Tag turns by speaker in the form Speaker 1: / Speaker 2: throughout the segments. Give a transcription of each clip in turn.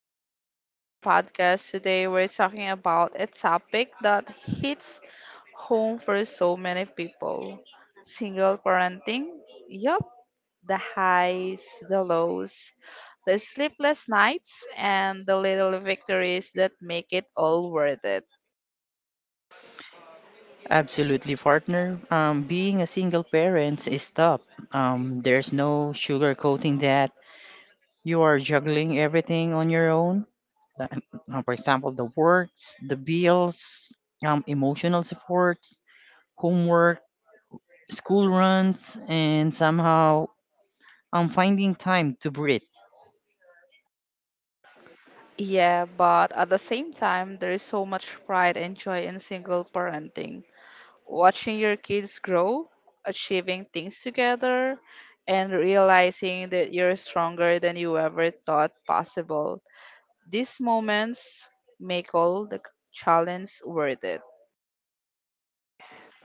Speaker 1: welcome back to the podcast. Today we're talking about a topic that hits home for so many people, single parenting. Yup, the highs, the lows, the sleepless nights, and the little victories that make it all worth it.
Speaker 2: Absolutely, partner. Being a single parent is tough. There's no sugarcoating that. You are juggling everything on your own. Like, For example, the works, the bills, emotional supports, homework, school runs, and somehow I'm finding time to breathe.
Speaker 1: Yeah, but at the same time, there is so much pride and joy in single parenting, watching your kids grow, achieving things together, and realizing that you're stronger than you ever thought possible. These moments make all the challenge worth it.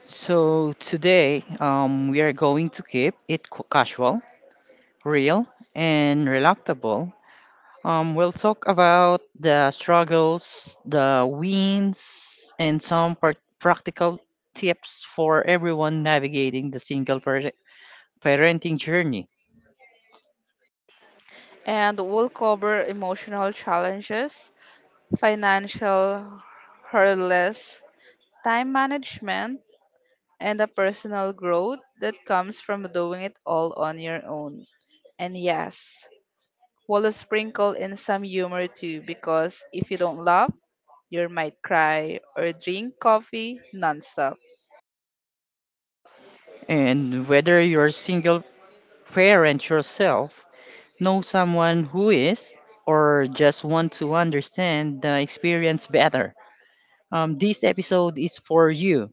Speaker 2: So today, we are going to keep it casual, real, and relatable. We'll talk about the struggles, the wins, and some practical tips for everyone navigating the single parenting journey.
Speaker 1: And we'll cover emotional challenges, financial hurdles, time management, and the personal growth that comes from doing it all on your own. And yes, we'll sprinkle in some humor too, because if you don't laugh, you might cry or drink coffee nonstop.
Speaker 2: And whether you're a single parent yourself, know someone who is, or just want to understand the experience better, this episode is for you.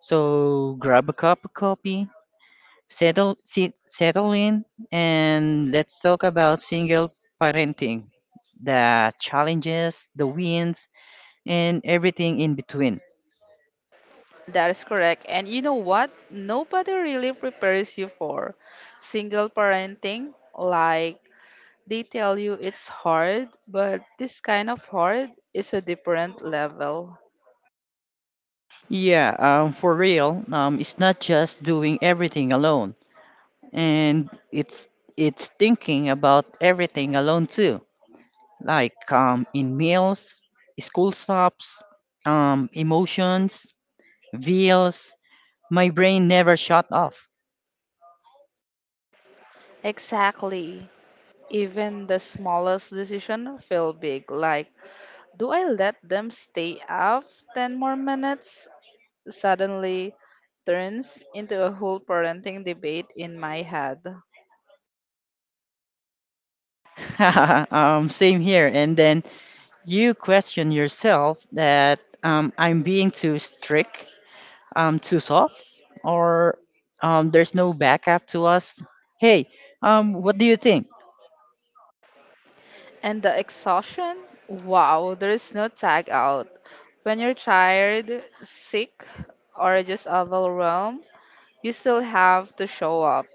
Speaker 2: So grab a cup of coffee, settle in, and let's talk about single parenting, the challenges, the wins, and everything in between.
Speaker 1: That is correct. And you know what? Nobody really prepares you for single parenting. Like, they tell you it's hard, but this kind of hard is a different level.
Speaker 2: Yeah, for real, it's not just doing everything alone, and it's thinking about everything alone too, like in meals, school stops, emotions, veils. My brain never shut off.
Speaker 1: Exactly. Even the smallest decision feel big. Like, do I let them stay up 10 more minutes suddenly turns into a whole parenting debate in my head.
Speaker 2: Same here. And then you question yourself that I'm being too strict, too soft, or there's no backup to us. Hey, what do you think?
Speaker 1: And the exhaustion? Wow, there is no tag out. When you're tired, sick, or just overwhelmed, you still have to show up.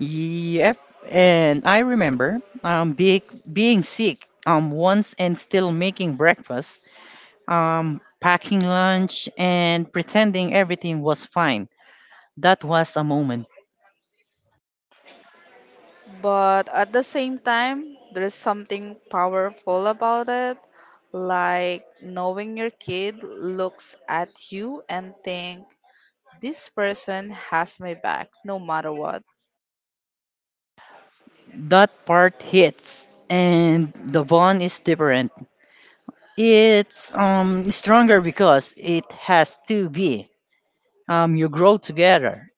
Speaker 2: Yep. And I remember being sick once and still making breakfast, packing lunch, and pretending everything was fine. That was a moment.
Speaker 1: But at the same time, there is something powerful about it, like knowing your kid looks at you and think, this person has my back no matter what.
Speaker 2: That part hits, and the bond is different. It's stronger because it has to be. You grow together.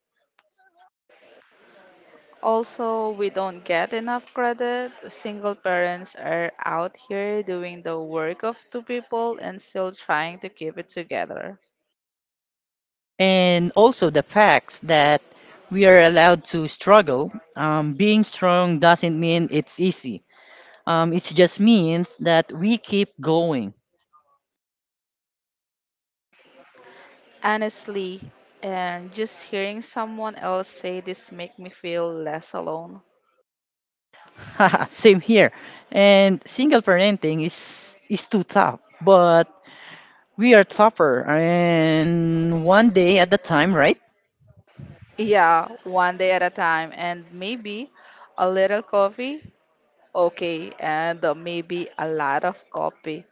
Speaker 1: Also, we don't get enough credit. Single parents are out here doing the work of two people and still trying to keep it together.
Speaker 2: And also the fact that we are allowed to struggle. Being strong doesn't mean it's easy. It just means that we keep going.
Speaker 1: Honestly, and just hearing someone else say this make me feel less alone.
Speaker 2: Same here. And single parenting is too tough. But we are tougher, and one day at a time, right?
Speaker 1: Yeah, one day at a time and maybe a little coffee. Okay, and maybe a lot of coffee.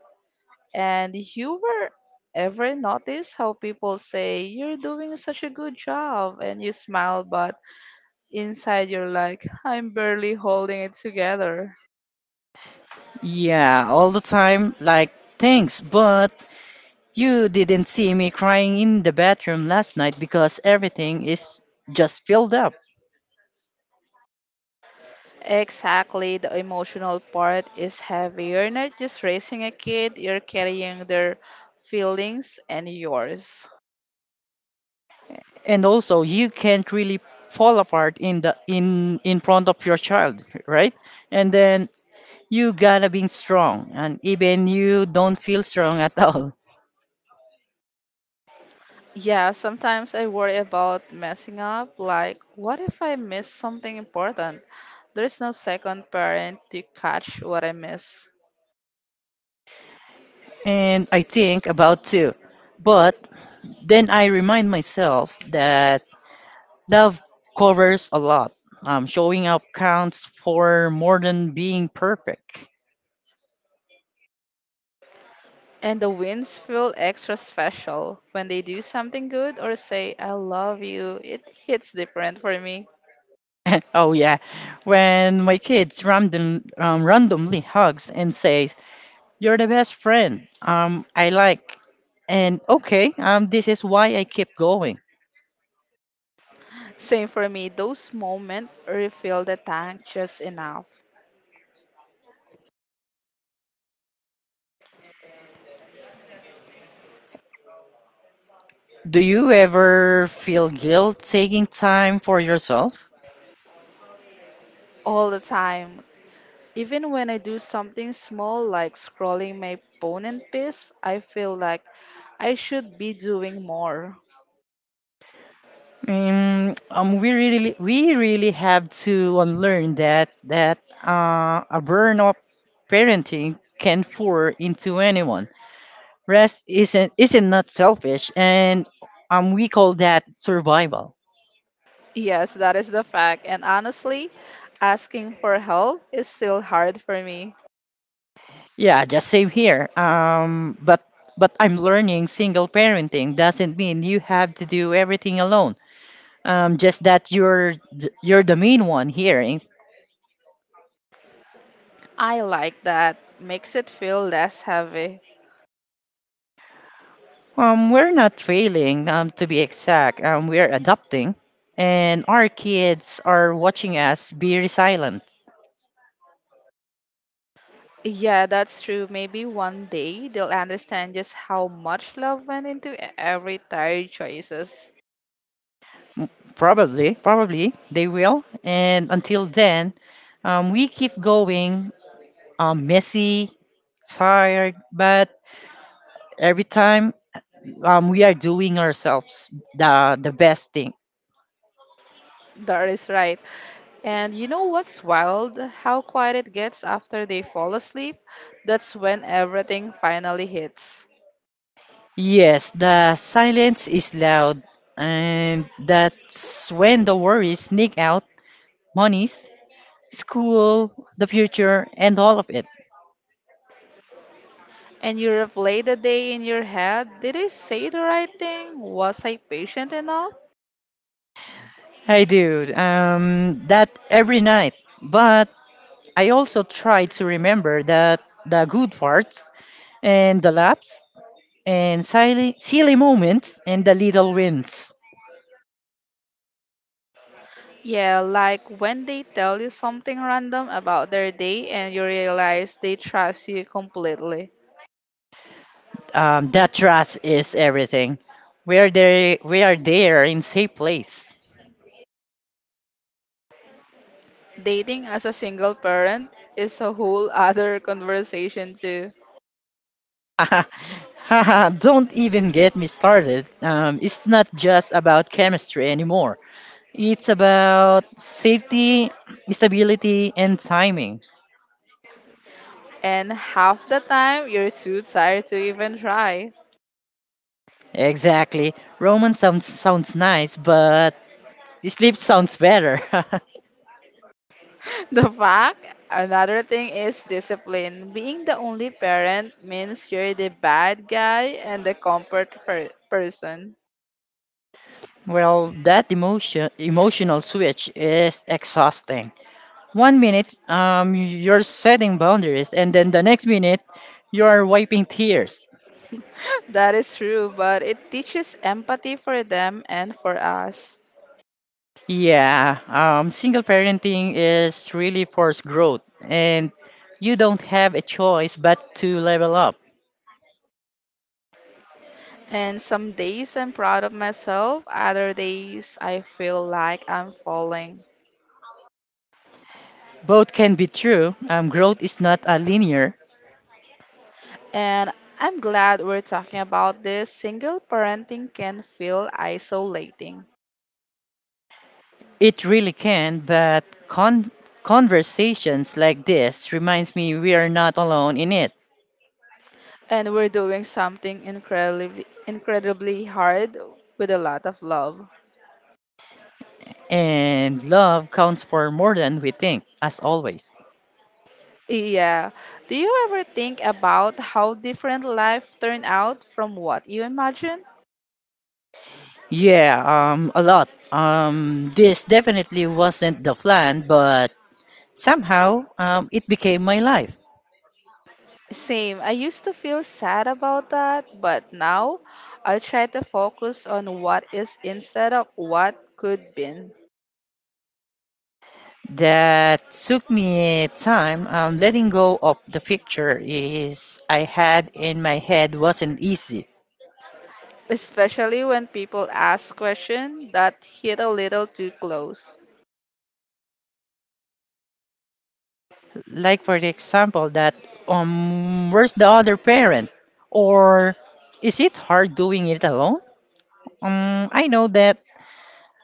Speaker 1: And you were ever notice how people say you're doing such a good job and you smile but inside you're like I'm barely holding it together.
Speaker 2: Yeah, all the time. Like, thanks, but you didn't see me crying in the bathroom last night because everything is just filled up.
Speaker 1: Exactly, the emotional part is heavy. You're not just raising a kid, you're carrying their feelings and yours.
Speaker 2: And also, you can't really fall apart in the in front of your child, right? And then you gotta be strong, and even you don't feel strong at all.
Speaker 1: Yeah, sometimes I worry about messing up. Like, what if I miss something important? There is no second parent to catch what I miss.
Speaker 2: And I think about too, but then I remind myself that love covers a lot. Showing up counts for more than being perfect.
Speaker 1: And the wins feel extra special when they do something good or say, I love you. It hits different for me.
Speaker 2: oh yeah, when my kids randomly hugs and says, "You're the best friend." I like, and okay, this is why I keep going.
Speaker 1: Same for me, those moments refill the tank just enough.
Speaker 2: Do you ever feel guilt taking time for yourself?
Speaker 1: All the time. Even when I do something small like scrolling my phone in peace, I feel like I should be doing more.
Speaker 2: We really have to unlearn that a burnout parenting can pour into anyone. Rest isn't not selfish, and we call that survival.
Speaker 1: Yes, that is the fact. And honestly, asking for help is still hard for me.
Speaker 2: Yeah, just same here. But I'm learning single parenting doesn't mean you have to do everything alone. Just that you're the main one here.
Speaker 1: I like that. Makes it feel less heavy.
Speaker 2: We're not failing, to be exact. We're adapting, and our kids are watching us be resilient.
Speaker 1: Yeah, that's true. Maybe one day they'll understand just how much love went into every tire choices.
Speaker 2: Probably they will. And until then, we keep going, messy, tired, but every time we are doing ourselves the best thing.
Speaker 1: That is right. And you know what's wild? How quiet it gets after they fall asleep. That's when everything finally hits.
Speaker 2: Yes, the silence is loud, and that's when the worries sneak out. Monies, school, the future, and all of it.
Speaker 1: And you replay the day in your head. Did I say the right thing? Was I patient enough?
Speaker 2: I do that every night. But I also try to remember that the good parts and the laps and silly moments and the little wins.
Speaker 1: Yeah, like when they tell you something random about their day and you realize they trust you completely.
Speaker 2: That trust is everything. We are there in safe place.
Speaker 1: Dating as a single parent is a whole other conversation, too.
Speaker 2: Don't even get me started. It's not just about chemistry anymore. It's about safety, stability, and timing.
Speaker 1: And half the time, you're too tired to even try.
Speaker 2: Exactly. Roman sounds nice, but sleep sounds better.
Speaker 1: The fact, another thing is discipline. Being the only parent means you're the bad guy and the comfort person.
Speaker 2: well, that emotional switch is exhausting. One minute, you're setting boundaries, and then the next minute, you're wiping tears.
Speaker 1: That is true, but it teaches empathy for them and for us.
Speaker 2: Yeah, single parenting is really forced growth, and you don't have a choice but to level up.
Speaker 1: And some days I'm proud of myself, other days I feel like I'm falling.
Speaker 2: Both can be true. Growth is not a linear.
Speaker 1: And I'm glad we're talking about this. Single parenting can feel isolating.
Speaker 2: It really can, but conversations like this reminds me we are not alone in it.
Speaker 1: And we're doing something incredibly incredibly hard with a lot of love.
Speaker 2: And love counts for more than we think, as always.
Speaker 1: Yeah. Do you ever think about how different life turned out from what you imagined?
Speaker 2: Yeah, a lot. This definitely wasn't the plan, but somehow it became my life.
Speaker 1: Same. I used to feel sad about that, but now I try to focus on what is instead of what could been.
Speaker 2: That took me time. Letting go of the picture is I had in my head wasn't easy.
Speaker 1: Especially when people ask questions that hit a little too close.
Speaker 2: Like, for the example that where's the other parent, or is it hard doing it alone? um i know that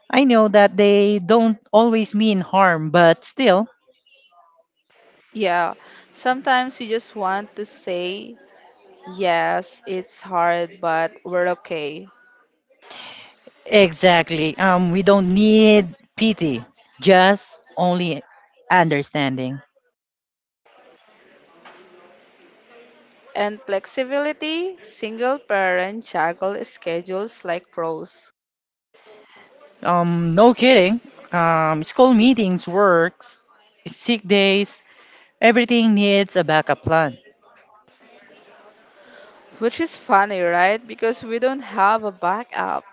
Speaker 2: I know that they don't always mean harm, but still
Speaker 1: Yeah, sometimes you just want to say, yes, it's hard, but we're okay.
Speaker 2: exactly we don't need pity, just only understanding.
Speaker 1: And flexibility, single parent juggle schedules like pros.
Speaker 2: No kidding. School meetings works, sick days, everything needs a backup plan.
Speaker 1: Which is funny, right? Because we don't have a backup.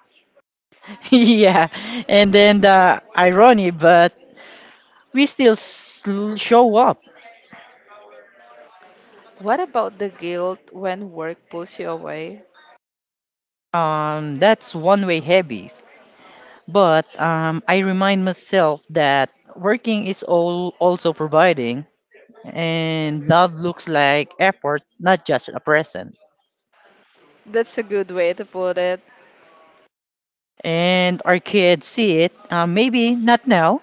Speaker 2: Yeah, and then the irony, but we still show up.
Speaker 1: What about the guilt when work pulls you away?
Speaker 2: That's one way hobbies. But I remind myself that working is all also providing, and love looks like effort, not just a present.
Speaker 1: That's a good way to put it.
Speaker 2: And our kids see it. Maybe not now,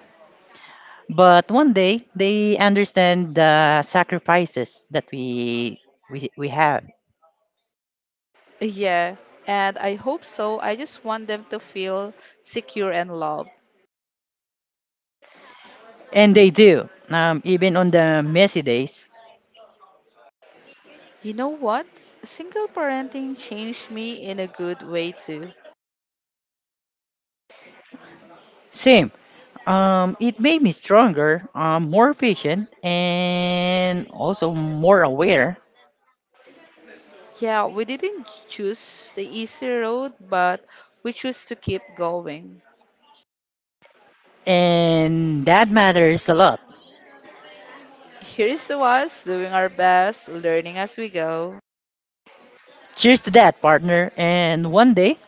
Speaker 2: but one day they understand the sacrifices that we have,
Speaker 1: Yeah, and I hope so. I just want them to feel secure and loved.
Speaker 2: and they do. Even on the messy days.
Speaker 1: You know what? Single parenting changed me in a good way too.
Speaker 2: Same. It made me stronger, more patient, and also more aware.
Speaker 1: Yeah, we didn't choose the easy road, but we chose to keep going.
Speaker 2: And that matters a lot.
Speaker 1: Here's to us doing our best, learning as we go,
Speaker 2: Cheers to that, partner. And one day,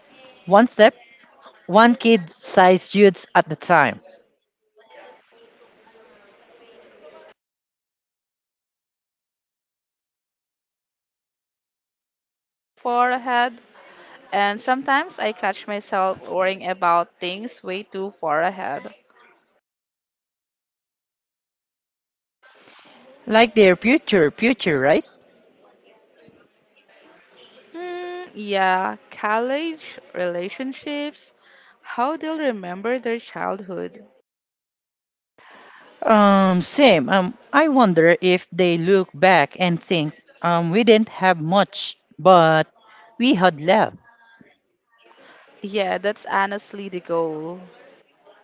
Speaker 2: one step, one kid-sized youths at the time.
Speaker 1: far ahead. And sometimes I catch myself worrying about things way too far ahead.
Speaker 2: Like their future, right?
Speaker 1: Mm, yeah, college, relationships, how they'll remember their childhood.
Speaker 2: Same. I wonder if they look back and think, we didn't have much, but we had love.
Speaker 1: Yeah, that's honestly the goal.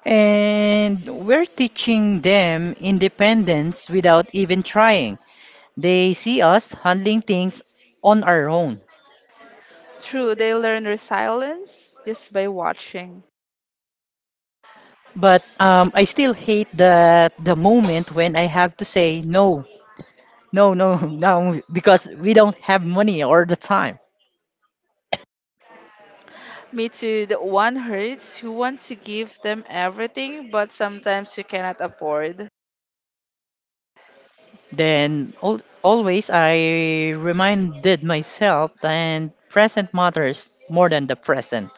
Speaker 2: And we're teaching them independence without even trying. They see us handling things on our own.
Speaker 1: True, they learn resilience just by watching.
Speaker 2: But I still hate the moment when I have to say no, no, no, no, because we don't have money or the time.
Speaker 1: Me too, the one hurts who want to give them everything, but sometimes you cannot afford.
Speaker 2: Then always I reminded myself and present matters more than the present.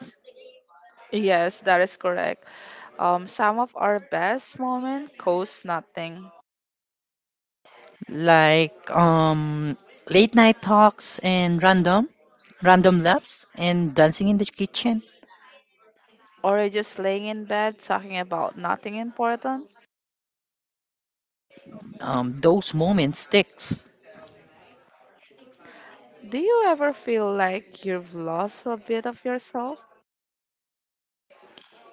Speaker 1: Yes, that is correct. Some of our best moment cost nothing.
Speaker 2: Like late night talks and random laughs and dancing in the kitchen.
Speaker 1: Or just laying in bed talking about nothing important.
Speaker 2: Those moments sticks.
Speaker 1: Do you ever feel like you've lost a bit of yourself?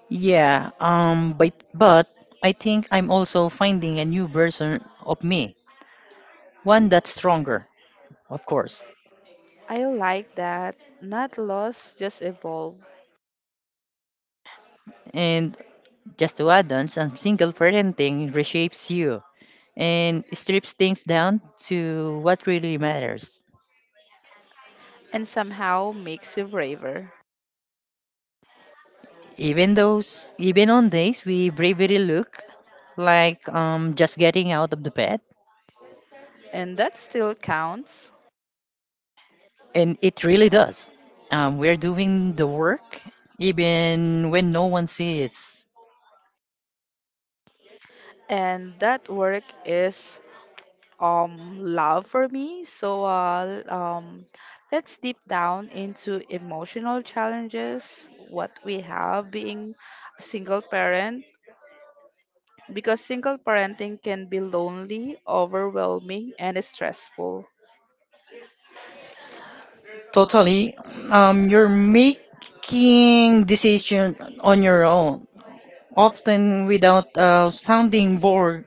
Speaker 2: Yeah, but I think I'm also finding a new version of me, one that's stronger, of course.
Speaker 1: I like that. Not lost, just evolved.
Speaker 2: And just to add on some single parenting reshapes you and strips things down to what really matters.
Speaker 1: And somehow makes you braver.
Speaker 2: Even those, even on days we bravery look like just getting out of the bed,
Speaker 1: And that still counts.
Speaker 2: and it really does. We're doing the work even when no one sees.
Speaker 1: And that work is love for me. So let's deep down into emotional challenges, what we have being a single parent, because single parenting can be lonely, overwhelming and stressful.
Speaker 2: Totally, you're making decision on your own, often without a sounding board,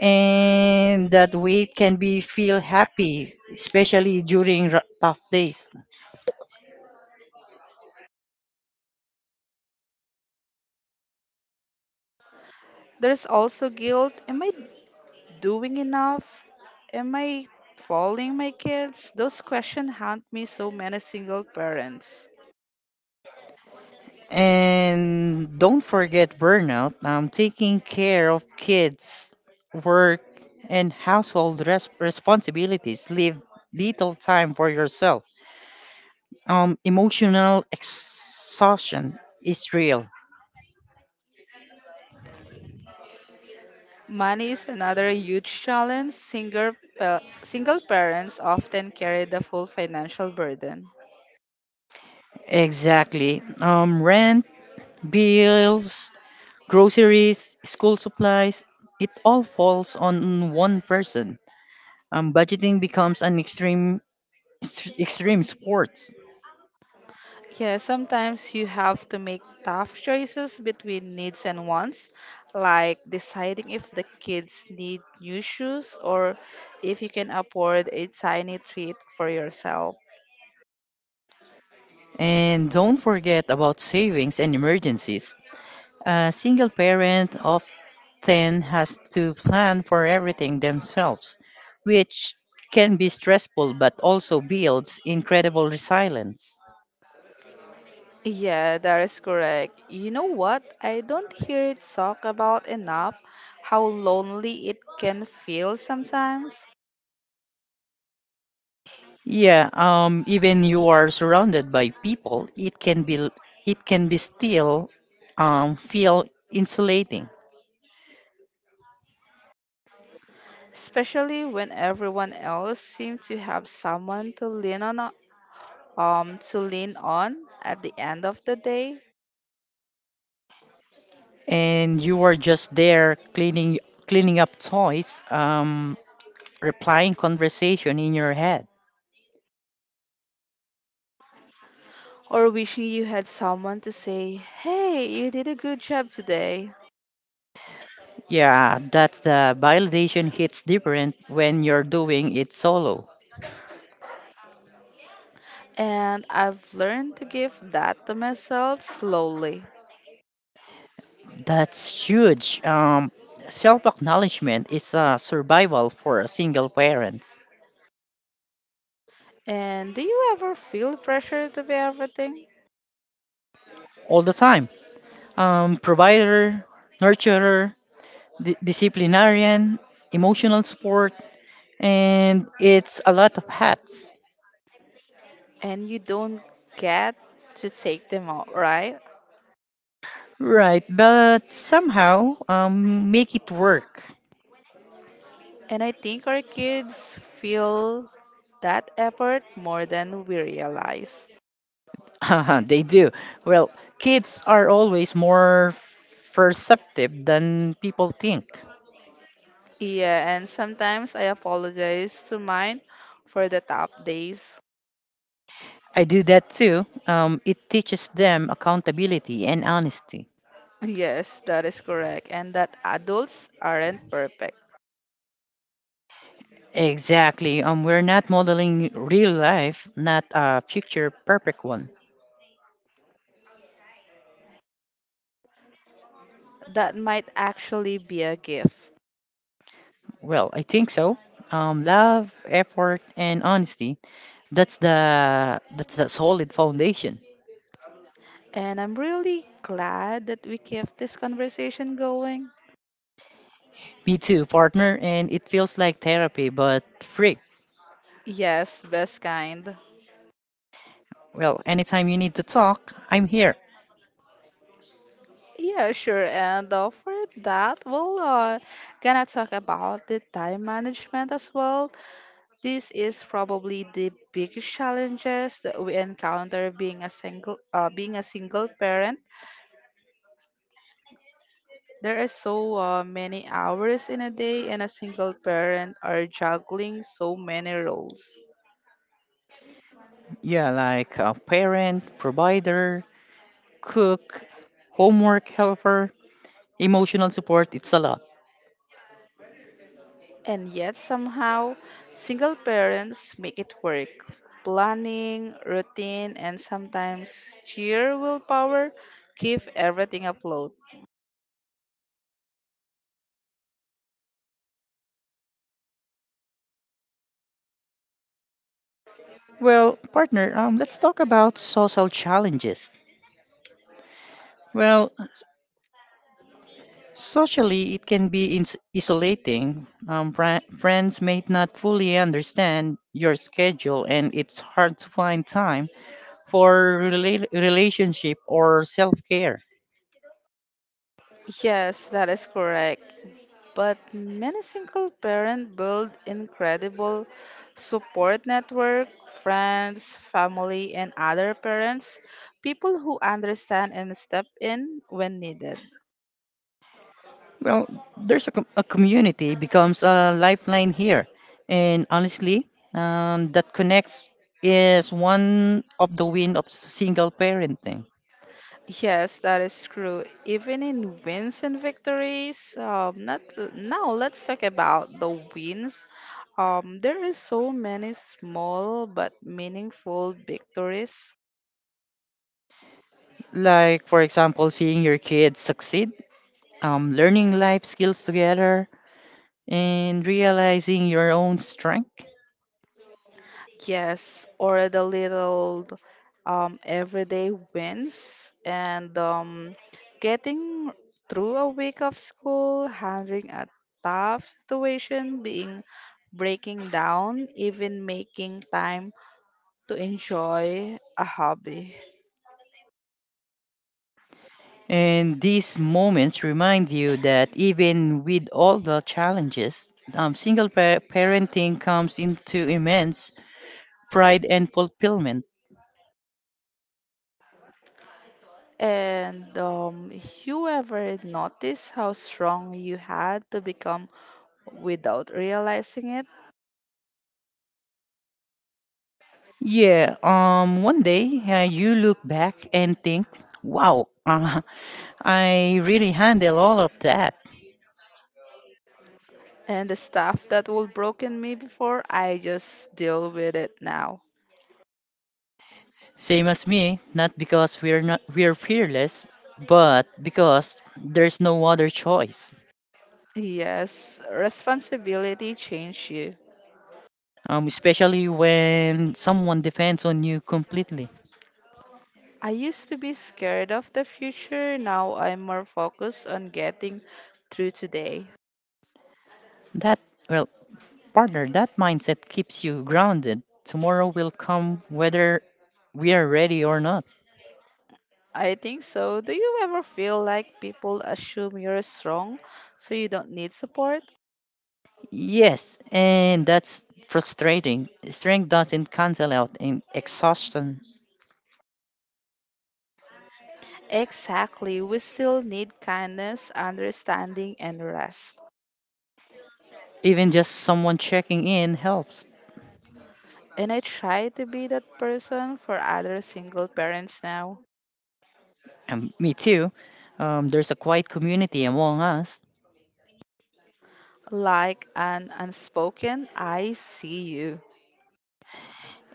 Speaker 2: and that weight can be feel happy, especially during tough days.
Speaker 1: There's also guilt. Am I doing enough? Am I following my kids? Those questions haunt me so many single parents.
Speaker 2: And don't forget burnout, taking care of kids, work, and household responsibilities leave little time for yourself. Emotional exhaustion is real.
Speaker 1: Money is another huge challenge. Single parents often carry the full financial burden.
Speaker 2: Exactly. Rent, bills, groceries, school supplies, it all falls on one person. Budgeting becomes an extreme sport.
Speaker 1: Yeah, sometimes you have to make tough choices between needs and wants, like deciding if the kids need new shoes or if you can afford a tiny treat for yourself.
Speaker 2: And don't forget about savings and emergencies. A single parent often has to plan for everything themselves, which can be stressful but also builds incredible resilience.
Speaker 1: Yeah, that is correct. You know what? I don't hear it talk about enough how lonely it can feel sometimes,
Speaker 2: Yeah, even you are surrounded by people, it can be still feel insulating,
Speaker 1: especially when everyone else seems to have someone to lean on, to lean on at the end of the day,
Speaker 2: and you are just there cleaning up toys, replying conversation in your head.
Speaker 1: or wishing you had someone to say, "Hey, you did a good job today."
Speaker 2: Yeah, that's the validation hits different when you're doing it solo.
Speaker 1: And I've learned to give that to myself slowly.
Speaker 2: That's huge. Self acknowledgement is a survival for a single parents
Speaker 1: And do you ever feel pressure to be everything?
Speaker 2: all the time. Provider, nurturer, disciplinarian, emotional support, and it's a lot of hats.
Speaker 1: And you don't get to take them out, right?
Speaker 2: Right, but somehow make it work.
Speaker 1: And I think our kids feel that effort more than we realize.
Speaker 2: they do. Well, kids are always more perceptive than people think.
Speaker 1: Yeah, and sometimes I apologize to mine for the tough days.
Speaker 2: I do that too. It teaches them accountability and honesty.
Speaker 1: Yes, that is correct. And that adults aren't perfect.
Speaker 2: Exactly. We're not modeling real life, not a picture perfect one.
Speaker 1: That might actually be a gift.
Speaker 2: Well, I think so. Love, effort, and honesty. That's the solid foundation.
Speaker 1: And I'm really glad that we kept this conversation going.
Speaker 2: Me too, partner, and it feels like therapy, but free.
Speaker 1: Yes, best kind.
Speaker 2: Well, anytime you need to talk, I'm here.
Speaker 1: Yeah, sure. And for that, we'll gonna talk about the time management as well. This is probably the biggest challenges that we encounter being a single parent. There are so many hours in a day, and a single parent are juggling so many roles.
Speaker 2: Yeah, like a parent, provider, cook, homework helper, emotional support, it's a lot.
Speaker 1: And yet, somehow, single parents make it work. Planning, routine, and sometimes sheer willpower keep everything afloat.
Speaker 2: Well, partner, let's talk about social challenges. Well, socially, it can be isolating. Friends may not fully understand your schedule, and it's hard to find time for relationship or self care.
Speaker 1: Yes, that is correct. But many single parents build incredible support network, friends, family, and other parents, people who understand and step in when needed.
Speaker 2: Well, there's a community becomes a lifeline here, and honestly, that connects is one of the win of single parenting.
Speaker 1: Yes, that is true. Even in wins and victories, not now. Let's talk about the wins. There is so many small but meaningful victories.
Speaker 2: Like for example, seeing your kids succeed, learning life skills together, and realizing your own strength.
Speaker 1: Yes, or the little everyday wins and getting through a week of school, handling a tough situation, being breaking down, even making time to enjoy a hobby.
Speaker 2: And these moments remind you that even with all the challenges, single parenting comes into immense pride and fulfillment.
Speaker 1: And you ever notice how strong you had to become without realizing it?
Speaker 2: Yeah, one day you look back and think, wow, I really handle all of that.
Speaker 1: And the stuff that would broken me before, I just deal with it now.
Speaker 2: Same as me, not because we're not we're fearless, but because there's no other choice.
Speaker 1: Yes, responsibility changed you.
Speaker 2: Especially when someone depends on you completely.
Speaker 1: I used to be scared of the future, now I'm more focused on getting through today.
Speaker 2: That well, partner, that mindset keeps you grounded. Tomorrow will come whether we are ready or not.
Speaker 1: I think so. Do you ever feel like people assume you're strong, so you don't need support?
Speaker 2: Yes, and that's frustrating. Strength doesn't cancel out in exhaustion.
Speaker 1: Exactly. We still need kindness, understanding, and rest.
Speaker 2: Even just someone checking in helps.
Speaker 1: And I try to be that person for other single parents now.
Speaker 2: And me too. There's a quiet community among us,
Speaker 1: Like an unspoken, I see you.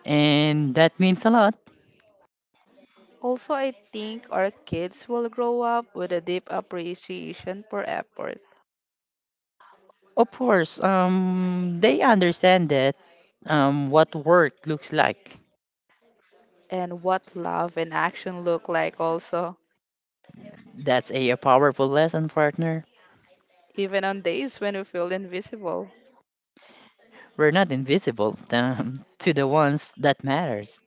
Speaker 2: and that means a lot.
Speaker 1: Also, I think our kids will grow up with a deep appreciation for effort
Speaker 2: Of course, they understand that what work looks like.
Speaker 1: and what love and action look like, also,
Speaker 2: That's a powerful lesson, partner.
Speaker 1: even on days when we feel invisible.
Speaker 2: We're not invisible to the ones that matters.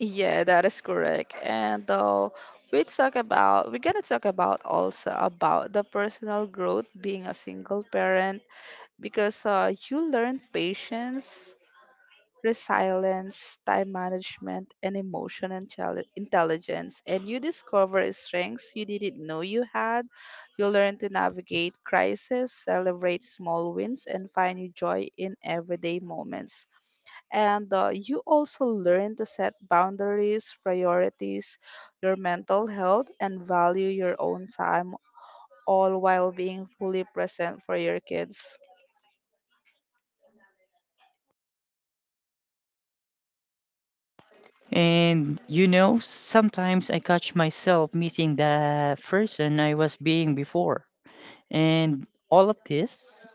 Speaker 1: Yeah, that is correct. And we're gonna talk about also about the personal growth being a single parent, because you learn patience, resilience, time management, and intelligence. And you discover strengths you didn't know you had. You learn to navigate crisis, celebrate small wins, and find your joy in everyday moments. And you also learn to set boundaries, priorities your mental health, and value your own time, all while being fully present for your kids.
Speaker 2: And you know, sometimes I catch myself missing the person I was being before. And all of this,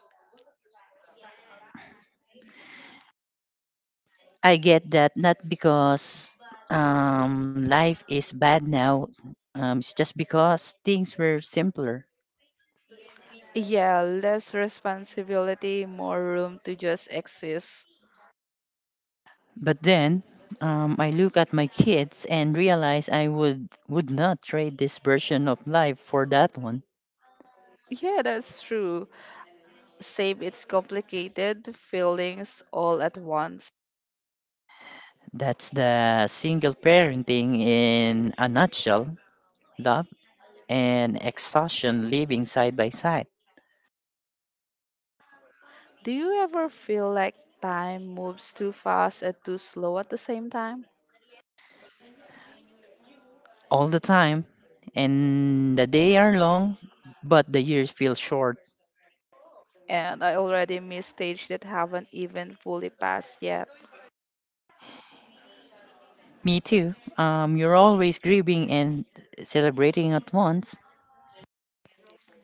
Speaker 2: I get that not because life is bad now, it's just because things were simpler.
Speaker 1: Yeah, less responsibility, more room to just exist.
Speaker 2: But then I look at my kids and realize would not trade this version of life for that one.
Speaker 1: Yeah, that's true. Save its complicated feelings all at once.
Speaker 2: That's the single parenting in a nutshell, love and exhaustion living side by side
Speaker 1: Do you ever feel like time moves too fast and too slow at the same time?
Speaker 2: all the time. And the day are long, but the years feel short.
Speaker 1: And I already missed stage that haven't even fully passed yet.
Speaker 2: Me too. You're always grieving and celebrating at once.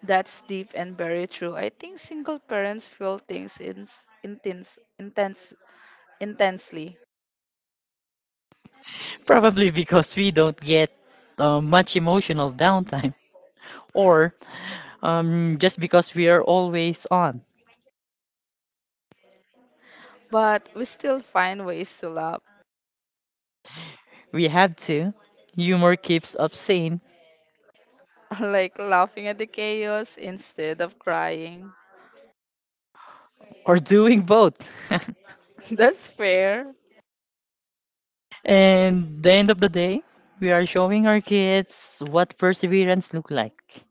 Speaker 1: That's deep and very true. I think single parents feel things intense, intense, intensely,
Speaker 2: Probably because we don't get much emotional downtime, or just because we are always on.
Speaker 1: but we still find ways to laugh.
Speaker 2: We have to. Humor keeps us sane,
Speaker 1: Like laughing at the chaos instead of crying.
Speaker 2: or doing both.
Speaker 1: That's fair.
Speaker 2: And the end of the day, we are showing our kids what perseverance look like.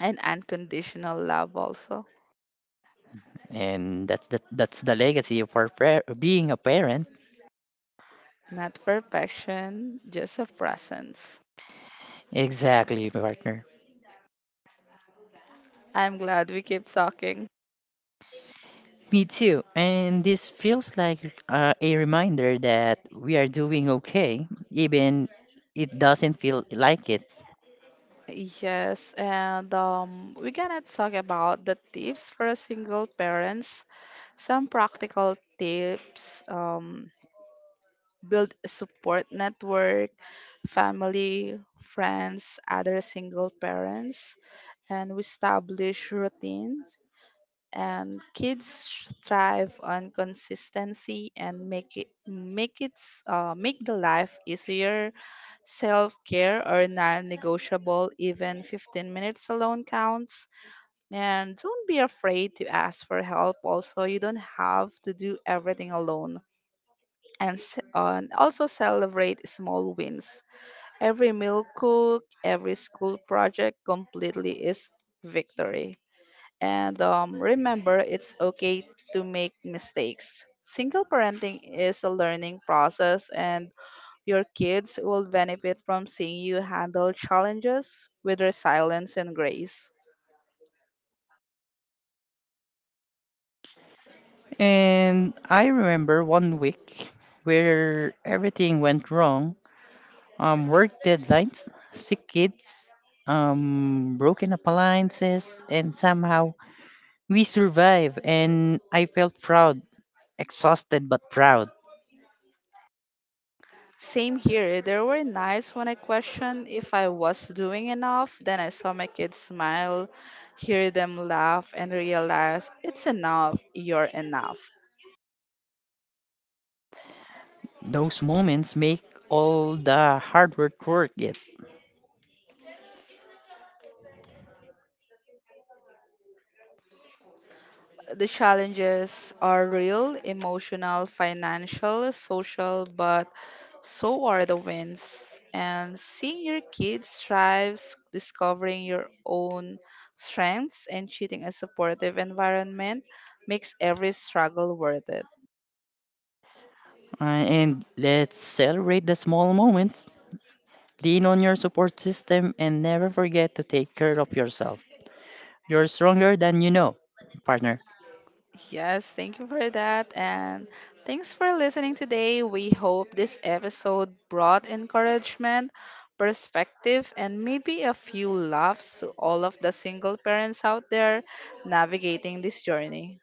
Speaker 1: And unconditional love also.
Speaker 2: And that's the legacy of our being a parent.
Speaker 1: Not perfection, just a presence.
Speaker 2: Exactly, partner.
Speaker 1: I'm glad we keep talking.
Speaker 2: Me too. And this feels like a reminder that we are doing okay, even it doesn't feel like it.
Speaker 1: Yes, and we're gonna talk about the tips for single parents. Some practical tips: build a support network, family, friends, other single parents, and we establish routines, and thrive on consistency and make the life easier. Self-care are non-negotiable, even 15 minutes alone counts. And don't be afraid to ask for help, also you don't have to do everything alone. And also celebrate small wins, every meal cooked, every school project completely is victory. And remember, it's okay to make mistakes. Single parenting is a learning process, and your kids will benefit from seeing you handle challenges with resilience and grace.
Speaker 2: And I remember one week where everything went wrong, work deadlines, sick kids, broken appliances, and somehow we survive. And I felt proud, exhausted but proud.
Speaker 1: Same here, there were nights when I questioned if I was doing enough. Then I saw my kids smile, hear them laugh, and realize it's enough, you're enough.
Speaker 2: Those moments make all the hard work worth it.
Speaker 1: The challenges are real, emotional, financial, social, but so are the wins. And seeing your kids thrive, discovering your own strengths, and cheating a supportive environment makes every struggle worth it.
Speaker 2: And let's celebrate the small moments. Lean on your support system and never forget to take care of yourself. You're stronger than you know, partner.
Speaker 1: Yes, thank you for that. And thanks for listening today. We hope this episode brought encouragement, perspective, and maybe a few laughs to all of the single parents out there navigating this journey.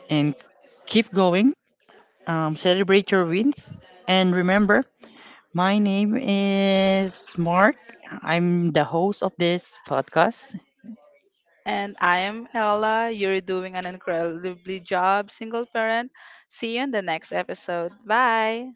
Speaker 2: And keep going. Celebrate your wins. And remember, my name is Mark. I'm the host of this podcast.
Speaker 1: And I am Ella. You're doing an incredibly job, single parent. See you in the next episode. Bye.